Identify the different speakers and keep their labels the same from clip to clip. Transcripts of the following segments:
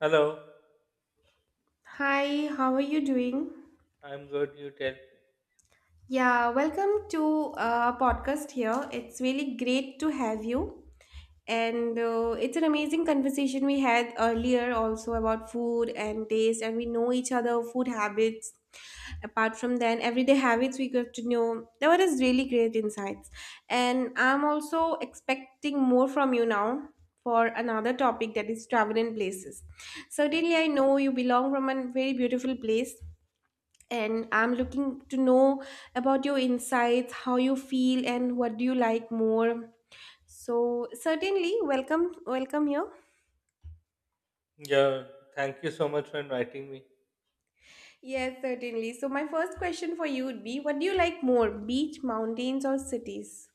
Speaker 1: Hello.
Speaker 2: Hi, how are you doing?
Speaker 1: I'm good. You tell.
Speaker 2: Yeah, welcome to podcast here. It's really great to have you. And It's an amazing conversation we had earlier also about food and taste, and we know each other food habits. Apart from then, everyday habits we got to know. There were just really great insights. And I'm also expecting more from you now for another topic, that is travel and places.
Speaker 1: Oh,
Speaker 2: Certainly, I know you belong from a very beautiful place, and I'm looking to know about your insights, how you feel and what do you like more. So certainly, welcome here.
Speaker 1: yeah, thank you so much for inviting me.
Speaker 2: Yes, certainly. So my first question for you would be, what do you like more, beach, mountains or cities?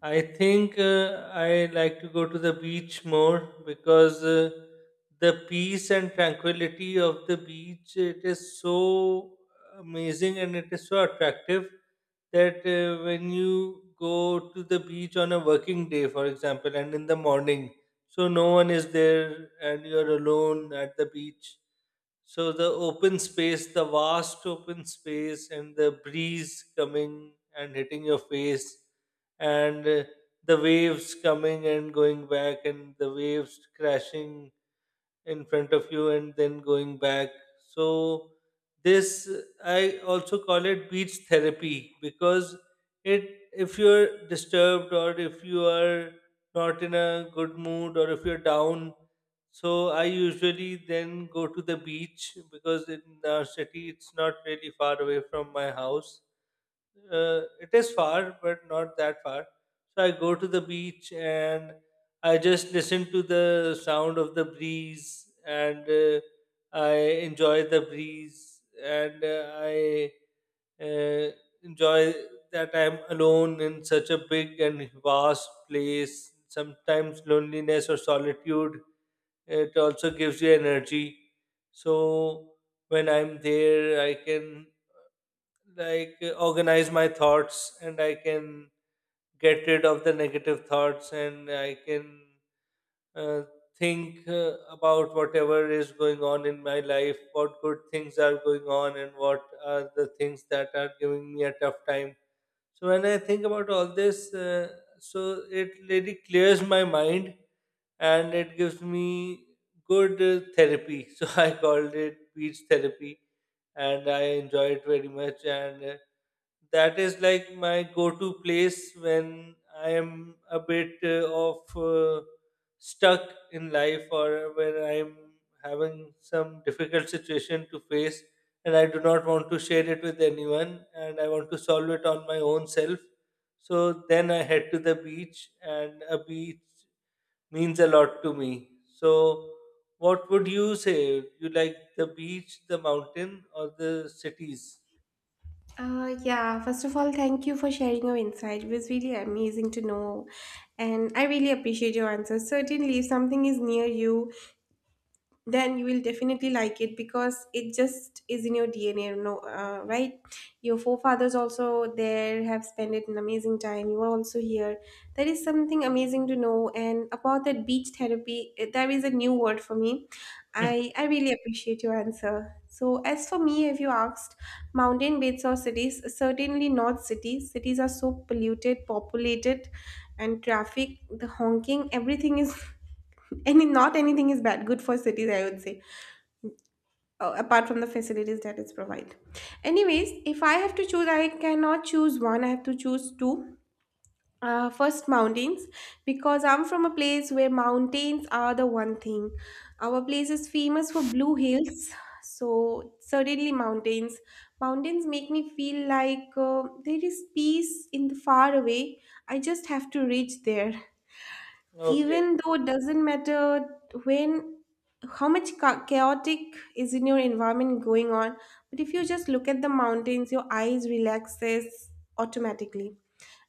Speaker 1: I think I like to go to the beach more because the peace and tranquility of the beach, it is so amazing and it is so attractive that when you go to the beach on a working day, for example, and in the morning, so no one is there and you're alone at the beach. So the open space, the vast open space, and the breeze coming and hitting your face, and the waves coming and going back, and the waves crashing in front of you and then going back. So this, I also call it beach therapy because it if you're disturbed or if you are not in a good mood or if you're down, so I usually then go to the beach because in our city it's not really far away from my house. It is far, but not that far. So I go to the beach and I just listen to the sound of the breeze, and I enjoy the breeze, and I uh, enjoy that I'm alone in such a big and vast place. Sometimes loneliness or solitude, it also gives you energy. So when I'm there, I can, organize my thoughts, and I can get rid of the negative thoughts, and I can uh, think about whatever is going on in my life, what good things are going on and what are the things that are giving me a tough time. So when I think about all this, so it really clears my mind and it gives me good therapy. So I called it beach therapy and I enjoy it very much. And that is like my go to place when I am a bit of stuck in life, or when I'm having some difficult situation to face and I do not want to share it with anyone and I want to solve it on my own self. So then I head to the beach, and a beach means a lot to me. So what would you say? You like the beach, the mountain or the cities?
Speaker 2: Yeah, first of all, thank you for sharing your insight. It was really amazing to know, and I really appreciate your answer. Certainly, if something is near you, then you will definitely like it, because it just is in your DNA, you know, right? Your forefathers also there have spent an amazing time, you are also here. That is something amazing to know. And about that beach therapy, there is a new word for me. I really appreciate your answer. So as for me, if you asked, mountain beds or cities, certainly not cities. Cities are so polluted, populated, and traffic, the honking, everything is any, not anything is bad, good for cities, I would say, apart from the facilities that it's provide. Anyways, if I have to choose, I cannot choose one, I have to choose two. First, mountains, because I'm from a place where mountains are the one thing. Our place is famous for blue hills. So certainly mountains. Mountains make me feel like, there is peace in the far away, I just have to reach there.
Speaker 1: Okay.
Speaker 2: Even though it doesn't matter when, how much chaotic is in your environment going on, but if you just look at the mountains, your eyes relaxes automatically.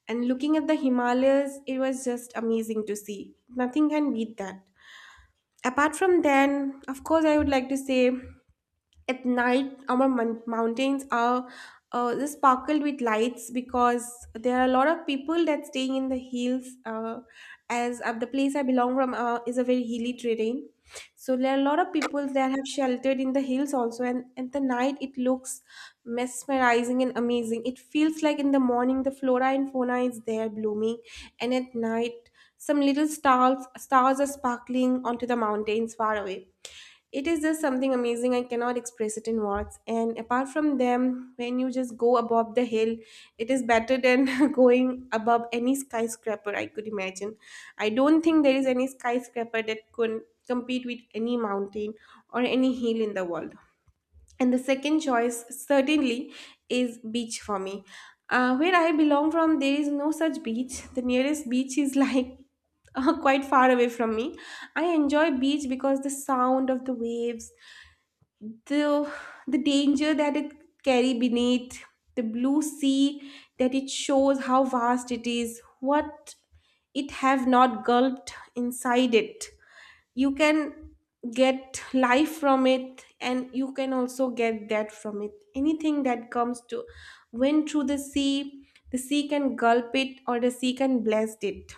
Speaker 2: And looking at the Himalayas, it was just amazing to see, nothing can beat that. Apart from then, of course, I would like to say, at night our mountains are, they sparkled with lights, because there are a lot of people that staying in the hills. As The place I belong from, is a very hilly terrain. So there are a lot of people that have sheltered in the hills also, and at the night it looks mesmerizing and amazing. It feels like in the morning the flora and fauna is there blooming, and at night some little stars are sparkling onto the mountains far away. It is just something amazing, I cannot express it in words. And apart from them, when you just go above the hill, it is better than going above any skyscraper I could imagine. I don't think there is any skyscraper that could compete with any mountain or any hill in the world. And the second choice certainly is beach for me. Where I belong from, there is no such beach. The nearest beach is like quite far away from me. I enjoy beach because the sound of the waves, the the danger that it carry beneath the blue sea, that it shows how vast it is, what it have not gulped inside it. You can get life from it, and you can also get that from it, anything that comes to, when through the sea, the sea can gulp it or the sea can bless it.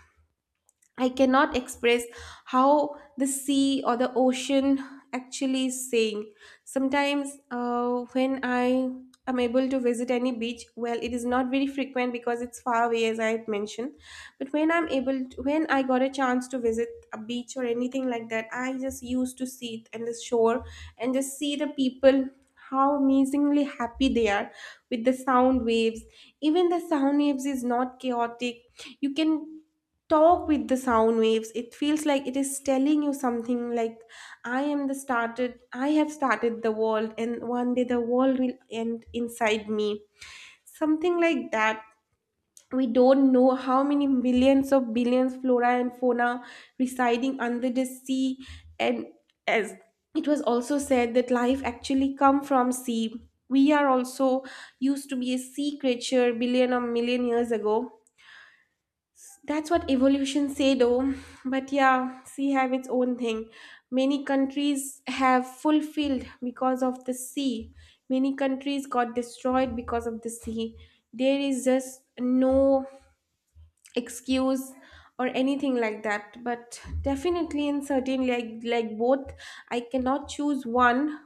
Speaker 2: I cannot express how the sea or the ocean actually is saying. Sometimes, when I am able to visit any beach, well, it is not very frequent because it's far away, as I had mentioned. But when I'm able to, when I got a chance to visit a beach or anything like that, I just used to see it and the shore, and just see the people, how amazingly happy they are with the sound waves. Even the sound waves is not chaotic, you can talk with the sound waves. It feels like it is telling you something like, I am the started, I have started the world and one day the world will end inside me, something like that. We don't know how many millions of billions flora and fauna residing under the sea. And as it was also said that life actually come from sea, we are also used to be a sea creature billion or million years ago, that's what evolution say though. But yeah, sea have its own thing. Many countries have fulfilled because of the sea. Many countries got destroyed because of the sea. There is just no excuse or anything like that. But definitely and certainly, like both, I cannot choose one,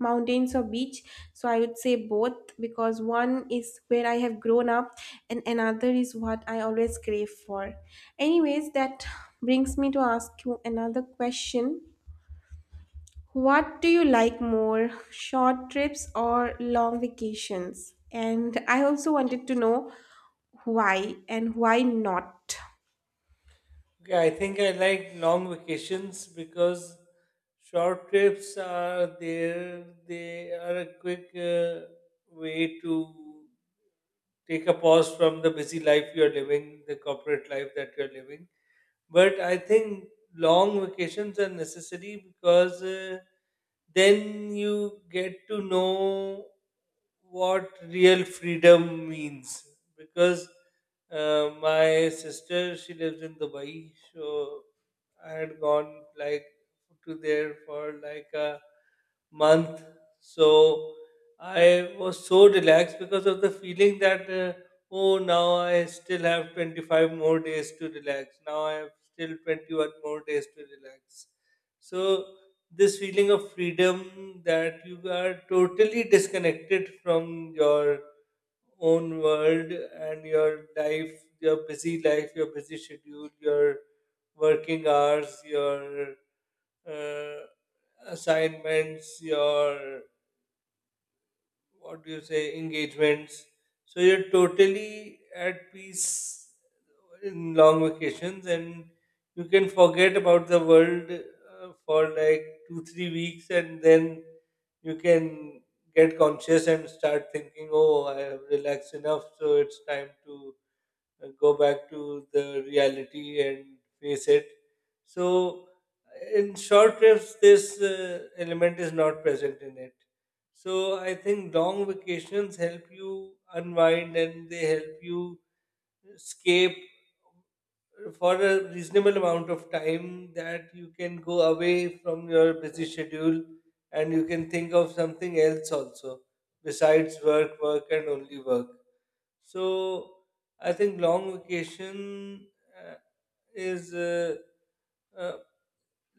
Speaker 2: mountains or beach. So I would say both, because one is where I have grown up, and another is what I always crave for. Anyways, that brings me to ask you another question. What do you like more, short trips or long vacations? And I also wanted to know why and why not.
Speaker 1: Okay, I think I like long vacations because short trips are there. They are a quick way to take a pause from the busy life you're living, the corporate life that you're living, but I think long vacations are necessary because then you get to know what real freedom means. Because my sister, she lives in Dubai, so I had gone like to there for like a month. So I was so relaxed because of the feeling that. Oh, now I still have 25 more days to relax. Now I have still 21 more days to relax. So, this feeling of freedom that you are totally disconnected from your own world and your life, your busy schedule, your working hours, your uh, assignments, your, what do you say, engagements. So you're totally at peace in long vacations, and you can forget about the world for like two, 3 weeks, and then you can get conscious and start thinking, oh, I have relaxed enough, so it's time to go back to the reality and face it. So, in short trips, this element is not present in it. So, I think long vacations help you unwind, and they help you escape for a reasonable amount of time, that you can go away from your busy schedule and you can think of something else also besides work, work, and only work. So I think long vacation uh, is uh, uh,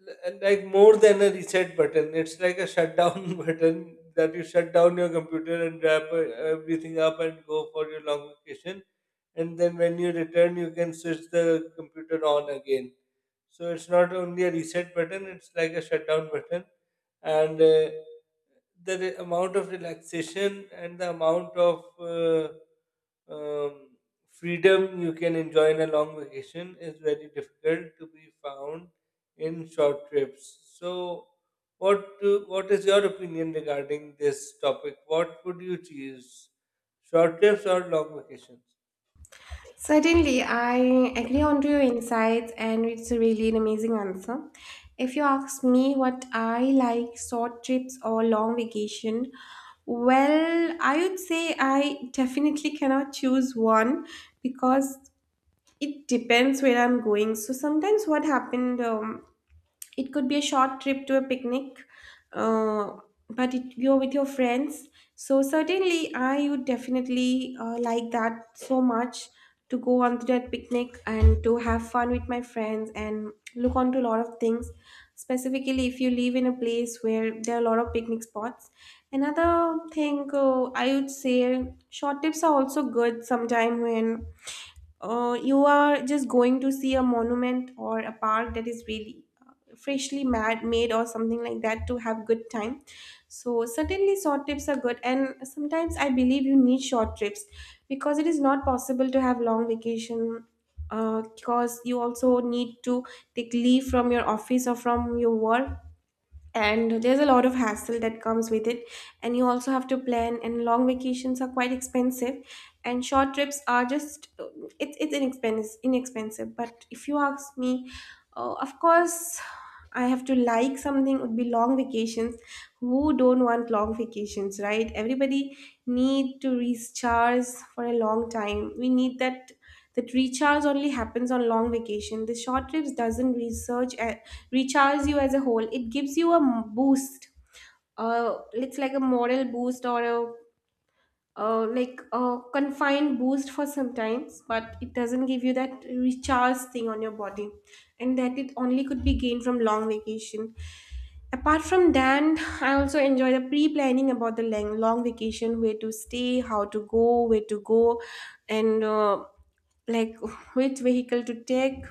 Speaker 1: like more than a reset button. It's like a shutdown button, that you shut down your computer and wrap everything up and go for your long vacation. And then when you return, you can switch the computer on again. So it's not only a reset button; it's like a shutdown button. And the amount of relaxation and the amount of um, freedom you can enjoy in a long vacation is very difficult to be found in short trips. So, what is your opinion regarding this topic? What would you choose, short trips or long vacations?
Speaker 2: Certainly, I agree on to your insights, and it's a really an amazing answer. If you ask me what I like, short trips or long vacation, well, I would say I definitely cannot choose one, because it depends where I'm going. So sometimes what happened, it could be a short trip to a picnic, uh, but it, you're with your friends. So certainly, I would definitely like that so much, to go on to that picnic and to have fun with my friends and look onto a lot of things. Specifically, if you live in a place where there are a lot of picnic spots. Another thing, I would say, short trips are also good sometime when, you are just going to see a monument or a park that is really freshly made or something like that to have good time. So certainly short trips are good, and sometimes I believe you need short trips, because it is not possible to have long vacation, because you also need to take leave from your office or from your work, and there's a lot of hassle that comes with it. And you also have to plan, and long vacations are quite expensive, and short trips are just, it's inexpensive. But if you ask me, of course I have to like something, would be long vacations. Who don't want long vacations, right? Everybody need to recharge for a long time. We need that, that recharge only happens on long vacation. The short trips doesn't research recharge you as a whole. It gives you a boost. It's like a moral boost or a, like a confined boost for sometimes, but it doesn't give you that recharge thing on your body, and that it only could be gained from long vacation. Apart from that, I also enjoy the pre-planning about the long vacation, where to stay, how to go, where to go, and like, which vehicle to take,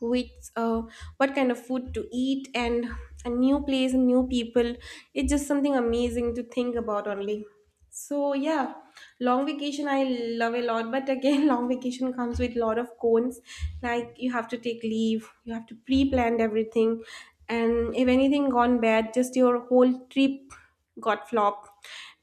Speaker 2: with what kind of food to eat, and a new place and new people, it's just something amazing to think about only. So yeah, long vacation I love a lot. But again, long vacation comes with a lot of cons, like you have to take leave, you have to pre-plan everything, and if anything gone bad, just your whole trip got flop.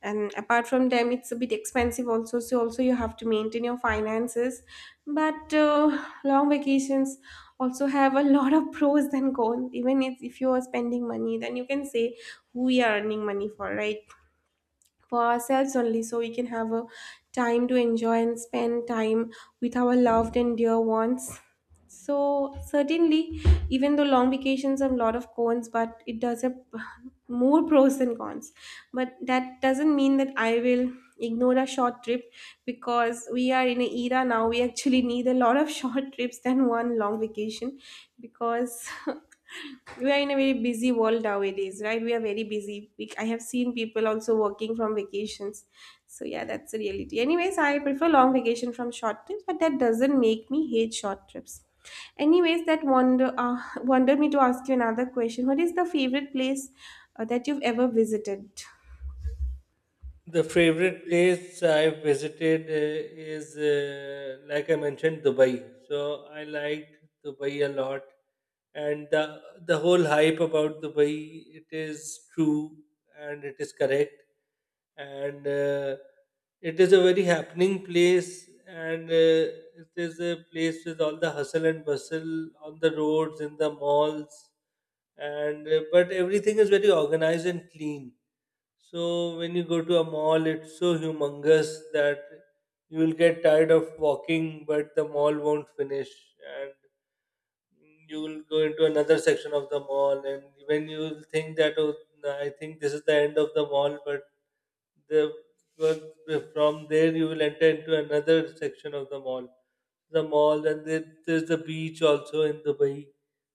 Speaker 2: And apart from them, it's a bit expensive also, so also you have to maintain your finances. But long vacations also have a lot of pros and cons. Even if you are spending money, then you can say, who we are earning money for, right? For ourselves only, so we can have a time to enjoy and spend time with our loved and dear ones. So certainly, even though long vacations have a lot of cons, but it does have more pros and cons. But that doesn't mean that I will ignore a short trip, because we are in an era now, we actually need a lot of short trips than one long vacation, because we are in a very busy world nowadays, right? We are very busy, I have seen people also working from vacations. So yeah, that's the reality. Anyways, I prefer long vacation from short trips, but that doesn't make me hate short trips. Anyways, that wonder wonder me to ask you another question. What is the favorite place that you've ever visited?
Speaker 1: The favorite place I visited is, like I mentioned, Dubai. So I liked Dubai a lot, and the whole hype about Dubai, it is true and it is correct, and it is a very happening place, and it is a place with all the hustle and bustle on the roads, in the malls, and but everything is very organized and clean. So when you go to a mall, it's so humongous that you will get tired of walking, but the mall won't finish, and you will go into another section of the mall, and when you will think that oh, I think this is the end of the mall, but the but from there you will enter into another section of the mall. And there, there's the beach also in Dubai.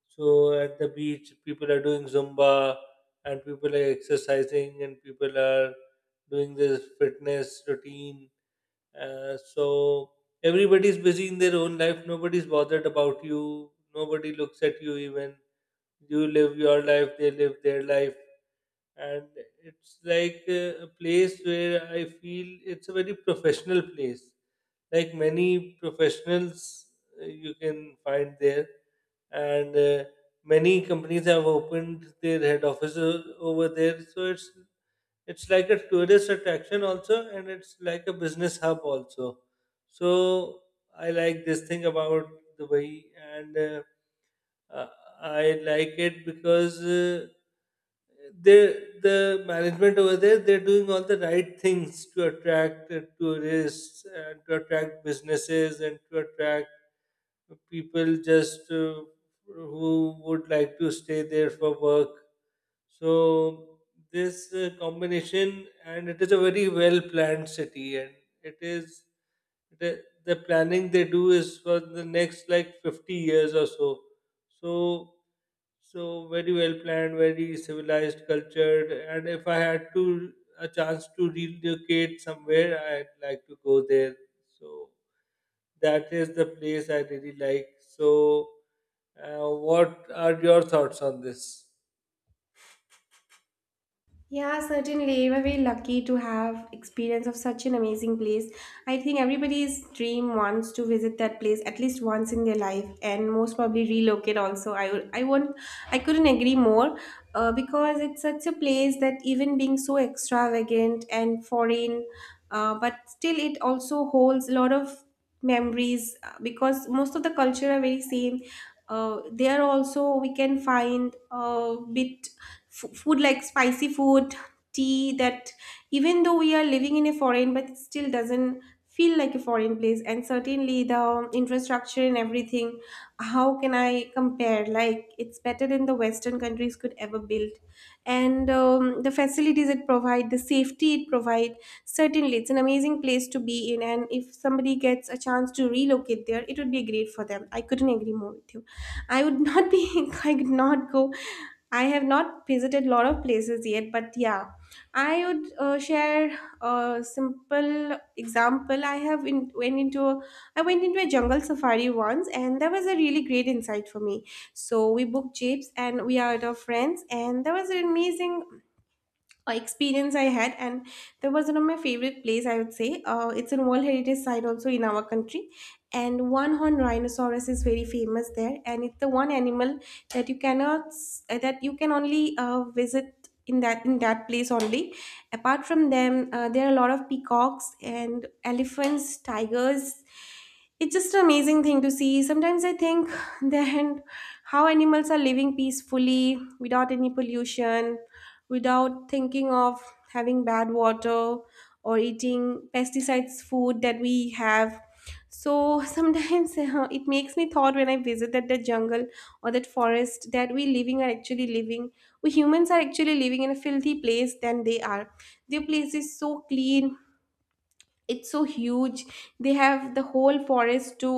Speaker 1: So at the beach, people are doing zumba, and people are exercising, and people are doing this fitness routine. So everybody's busy in their own life. Nobody's bothered about you. Nobody looks at you even. You live your life, they live their life. And it's like a place where I feel it's a very professional place. Like, many professionals you can find there. And many companies have opened their head offices over there. So it's like a tourist attraction also, and it's like a business hub also. So I like this thing about Dubai, and uh, I like it because they the management over there, they're doing all the right things to attract tourists, and to attract businesses, and to attract people just who would like to stay there for work. So this combination, and it is a very well planned city, and it is, the planning they do is for the next like 50 years or so. So, so very well planned, very civilized, cultured. And if I had to a chance to relocate somewhere, I'd like to go there. So that is the place I really like. So, what are your thoughts on this?
Speaker 2: Yeah, certainly. We're very lucky to have experience of such an amazing place. I think everybody's dream wants to visit that place at least once in their life, and most probably relocate also. I would- I couldn't agree more, because it's such a place that, even being so extravagant and foreign, but still it also holds a lot of memories, because most of the culture are very same. There also we can find a bit f- food, like spicy food, tea that, even though we are living in a foreign, but it still doesn't feel like a foreign place. And certainly the infrastructure and everything, how can I compare, like, it's better than the western countries could ever build. And the facilities it provide, the safety it provide, certainly it's an amazing place to be in, and if somebody gets a chance to relocate there, it would be great for them. I couldn't agree more with you. I would not be I could not go. I have not visited a lot of places yet, but yeah, I would share a simple example. I went into a jungle safari once, and that was a really great insight for me. So we booked jeeps, and we are with our friends, and that was an amazing experience I had, and that was one of my favorite place. I would say it's a World Heritage Site also in our country, and one horned rhinoceros is very famous there, and it's the one animal that you cannot that you can only visit. In that place only. Apart from them, there are a lot of peacocks and elephants, tigers. It's just an amazing thing to see. Sometimes I think that how animals are living peacefully without any pollution, without thinking of having bad water or eating pesticides food that we have. So sometimes it makes me thought, when I visit that the jungle or that forest, that we living are actually living, we humans are actually living in a filthy place than they are. Their place is so clean, it's so huge, they have the whole forest to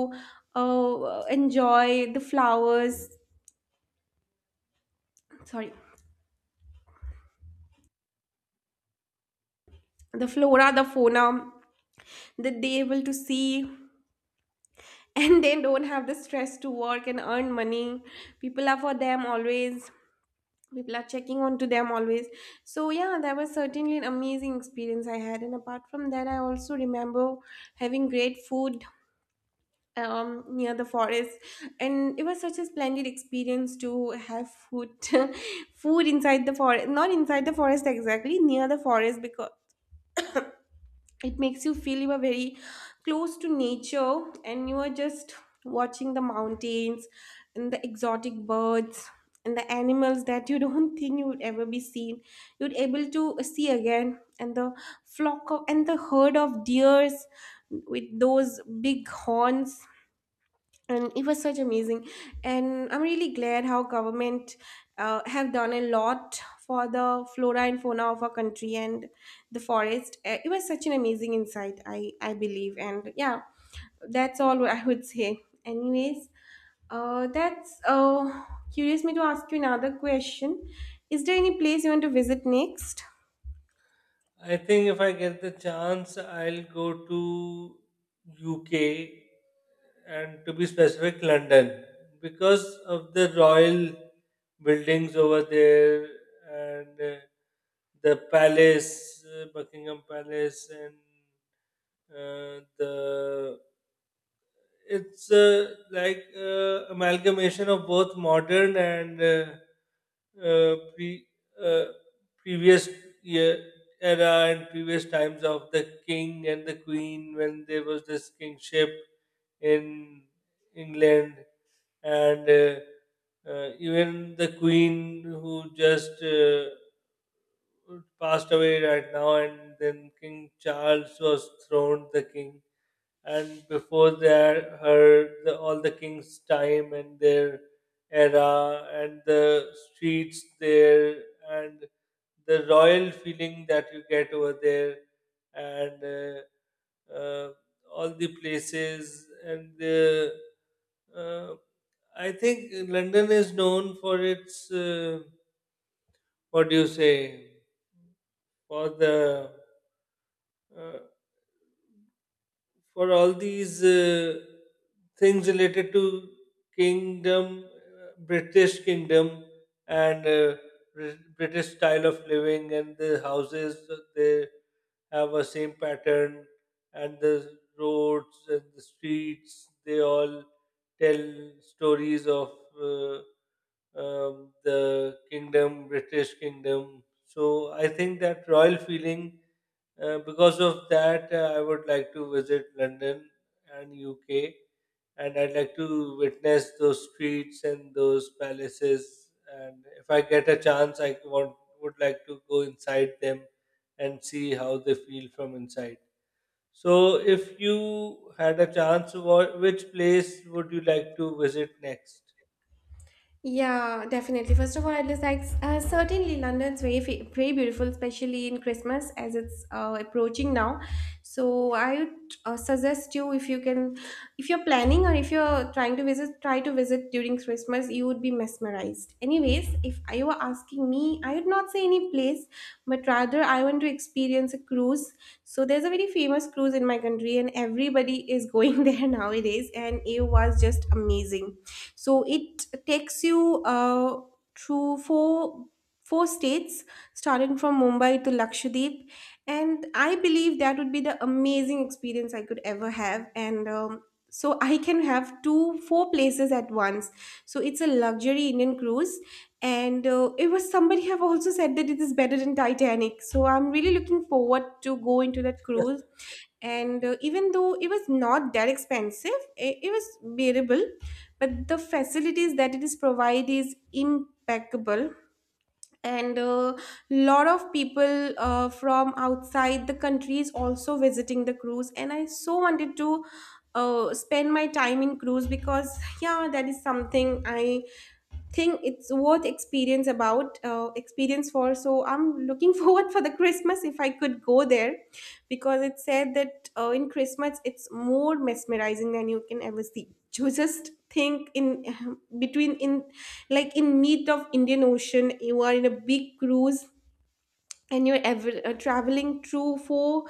Speaker 2: enjoy the flowers, sorry, the flora, the fauna, that they able to see. And they don't have the stress to work and earn money. People are for them always, people are checking on to them always. So yeah, that was certainly an amazing experience I had. And apart from that, I also remember having great food near the forest, and it was such a splendid experience to have food food inside the forest, not inside the forest exactly, near the forest, because it makes you feel you are very close to nature, and you are just watching the mountains and the exotic birds and the animals that you don't think you would ever be seen, you'd able to see again. And the flock of, and the herd of deers with those big horns, and it was such amazing. And I'm really glad how government have done a lot for the flora and fauna of our country, and the forest. It was such an amazing insight, I believe. And yeah, that's all I would say. Anyways, that's curious me to ask you another question, is there any place you want to visit next?
Speaker 1: I think if I get the chance, I'll go to UK, and to be specific, London, because of the royal buildings over there, and the palace, Buckingham Palace, and the it's like amalgamation of both modern and uh, previous year era, and previous times of the king and the queen, when there was this kingship in England, and even the queen, who just passed away right now, and then King Charles was throned the king, and before that all the king's time and their era, and the streets there, and the royal feeling that you get over there, and all the places, and the uh, I think London is known for its what do you say for the uh, for all these things related to kingdom, British kingdom, and British style of living, and the houses, they have a same pattern, and the roads and the streets, they all tell stories of uh, the kingdom, British kingdom. So I think that royal feeling, because of that, I would like to visit London and UK, and I'd like to witness those streets and those palaces. And if I get a chance, I want would like to go inside them and see how they feel from inside. So, if you had a chance, which place would you like to visit next?
Speaker 2: Yeah, definitely. First of all, I'd just like, certainly London's very very beautiful, especially in Christmas, as it's approaching now. So I would suggest you, if you can, if you're planning or if you're trying to visit, try to visit during Christmas. You would be mesmerized. Anyways, if you were asking me, I would not say any place, but rather I want to experience a cruise. So there's a very famous cruise in my country, and everybody is going there nowadays, and it was just amazing. So it takes you through four states, starting from Mumbai to Lakshadweep, and I believe that would be the amazing experience I could ever have. And so I can have two four places at once. So it's a luxury Indian cruise, and it was, somebody have also said that it is better than Titanic. So I'm really looking forward to go into that cruise. And even though it was not that expensive, it was bearable, but the facilities that it is provide is impeccable. And a lot of people from outside the country is also visiting the cruise, and I so wanted to spend my time in cruise, because yeah, that is something I thing it's worth experience about, experience for. So I'm looking forward for the Christmas, if I could go there, because it said that in Christmas it's more mesmerizing than you can ever see. You just think in, between in, like, in mid of Indian Ocean, you are in a big cruise, and you're ever traveling through four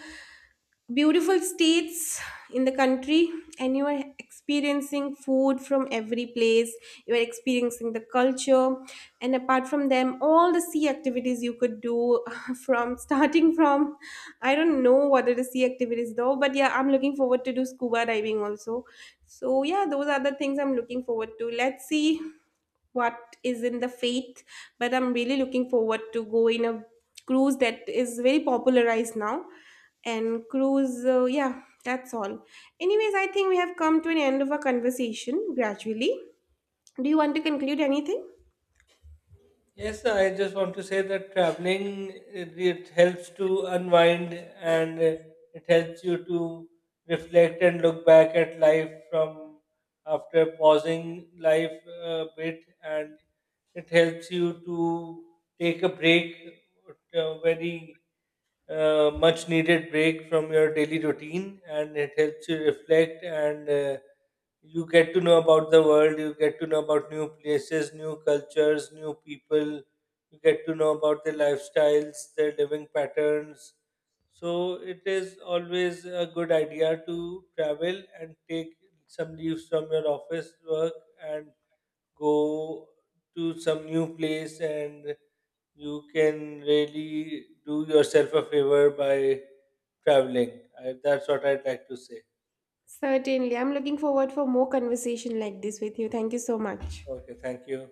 Speaker 2: beautiful states in the country, and you are experiencing food from every place, you are experiencing the culture. And apart from them, all the sea activities you could do, from, starting from, I don't know what are the sea activities though, but yeah, I'm looking forward to do scuba diving also. So yeah, those are the things I'm looking forward to. Let's see what is in the faith, but I'm really looking forward to go in a cruise that is very popularized now. And cruise, yeah, that's all. Anyways, I think we have come to an end of our conversation gradually. Do you want to conclude anything?
Speaker 1: Yes, I just want to say that traveling, it helps to unwind, and it helps you to reflect and look back at life from after pausing life a bit, and it helps you to take a break, a very much needed break from your daily routine, and it helps you reflect, and you get to know about the world, you get to know about new places, new cultures, new people, you get to know about their lifestyles, their living patterns. So it is always a good idea to travel and take some leaves from your office work and go to some new place, and you can really do yourself a favor by traveling. That's what I'd like to say.
Speaker 2: Certainly, I'm looking forward for more conversation like this with you. Thank you so much.
Speaker 1: Okay, thank you.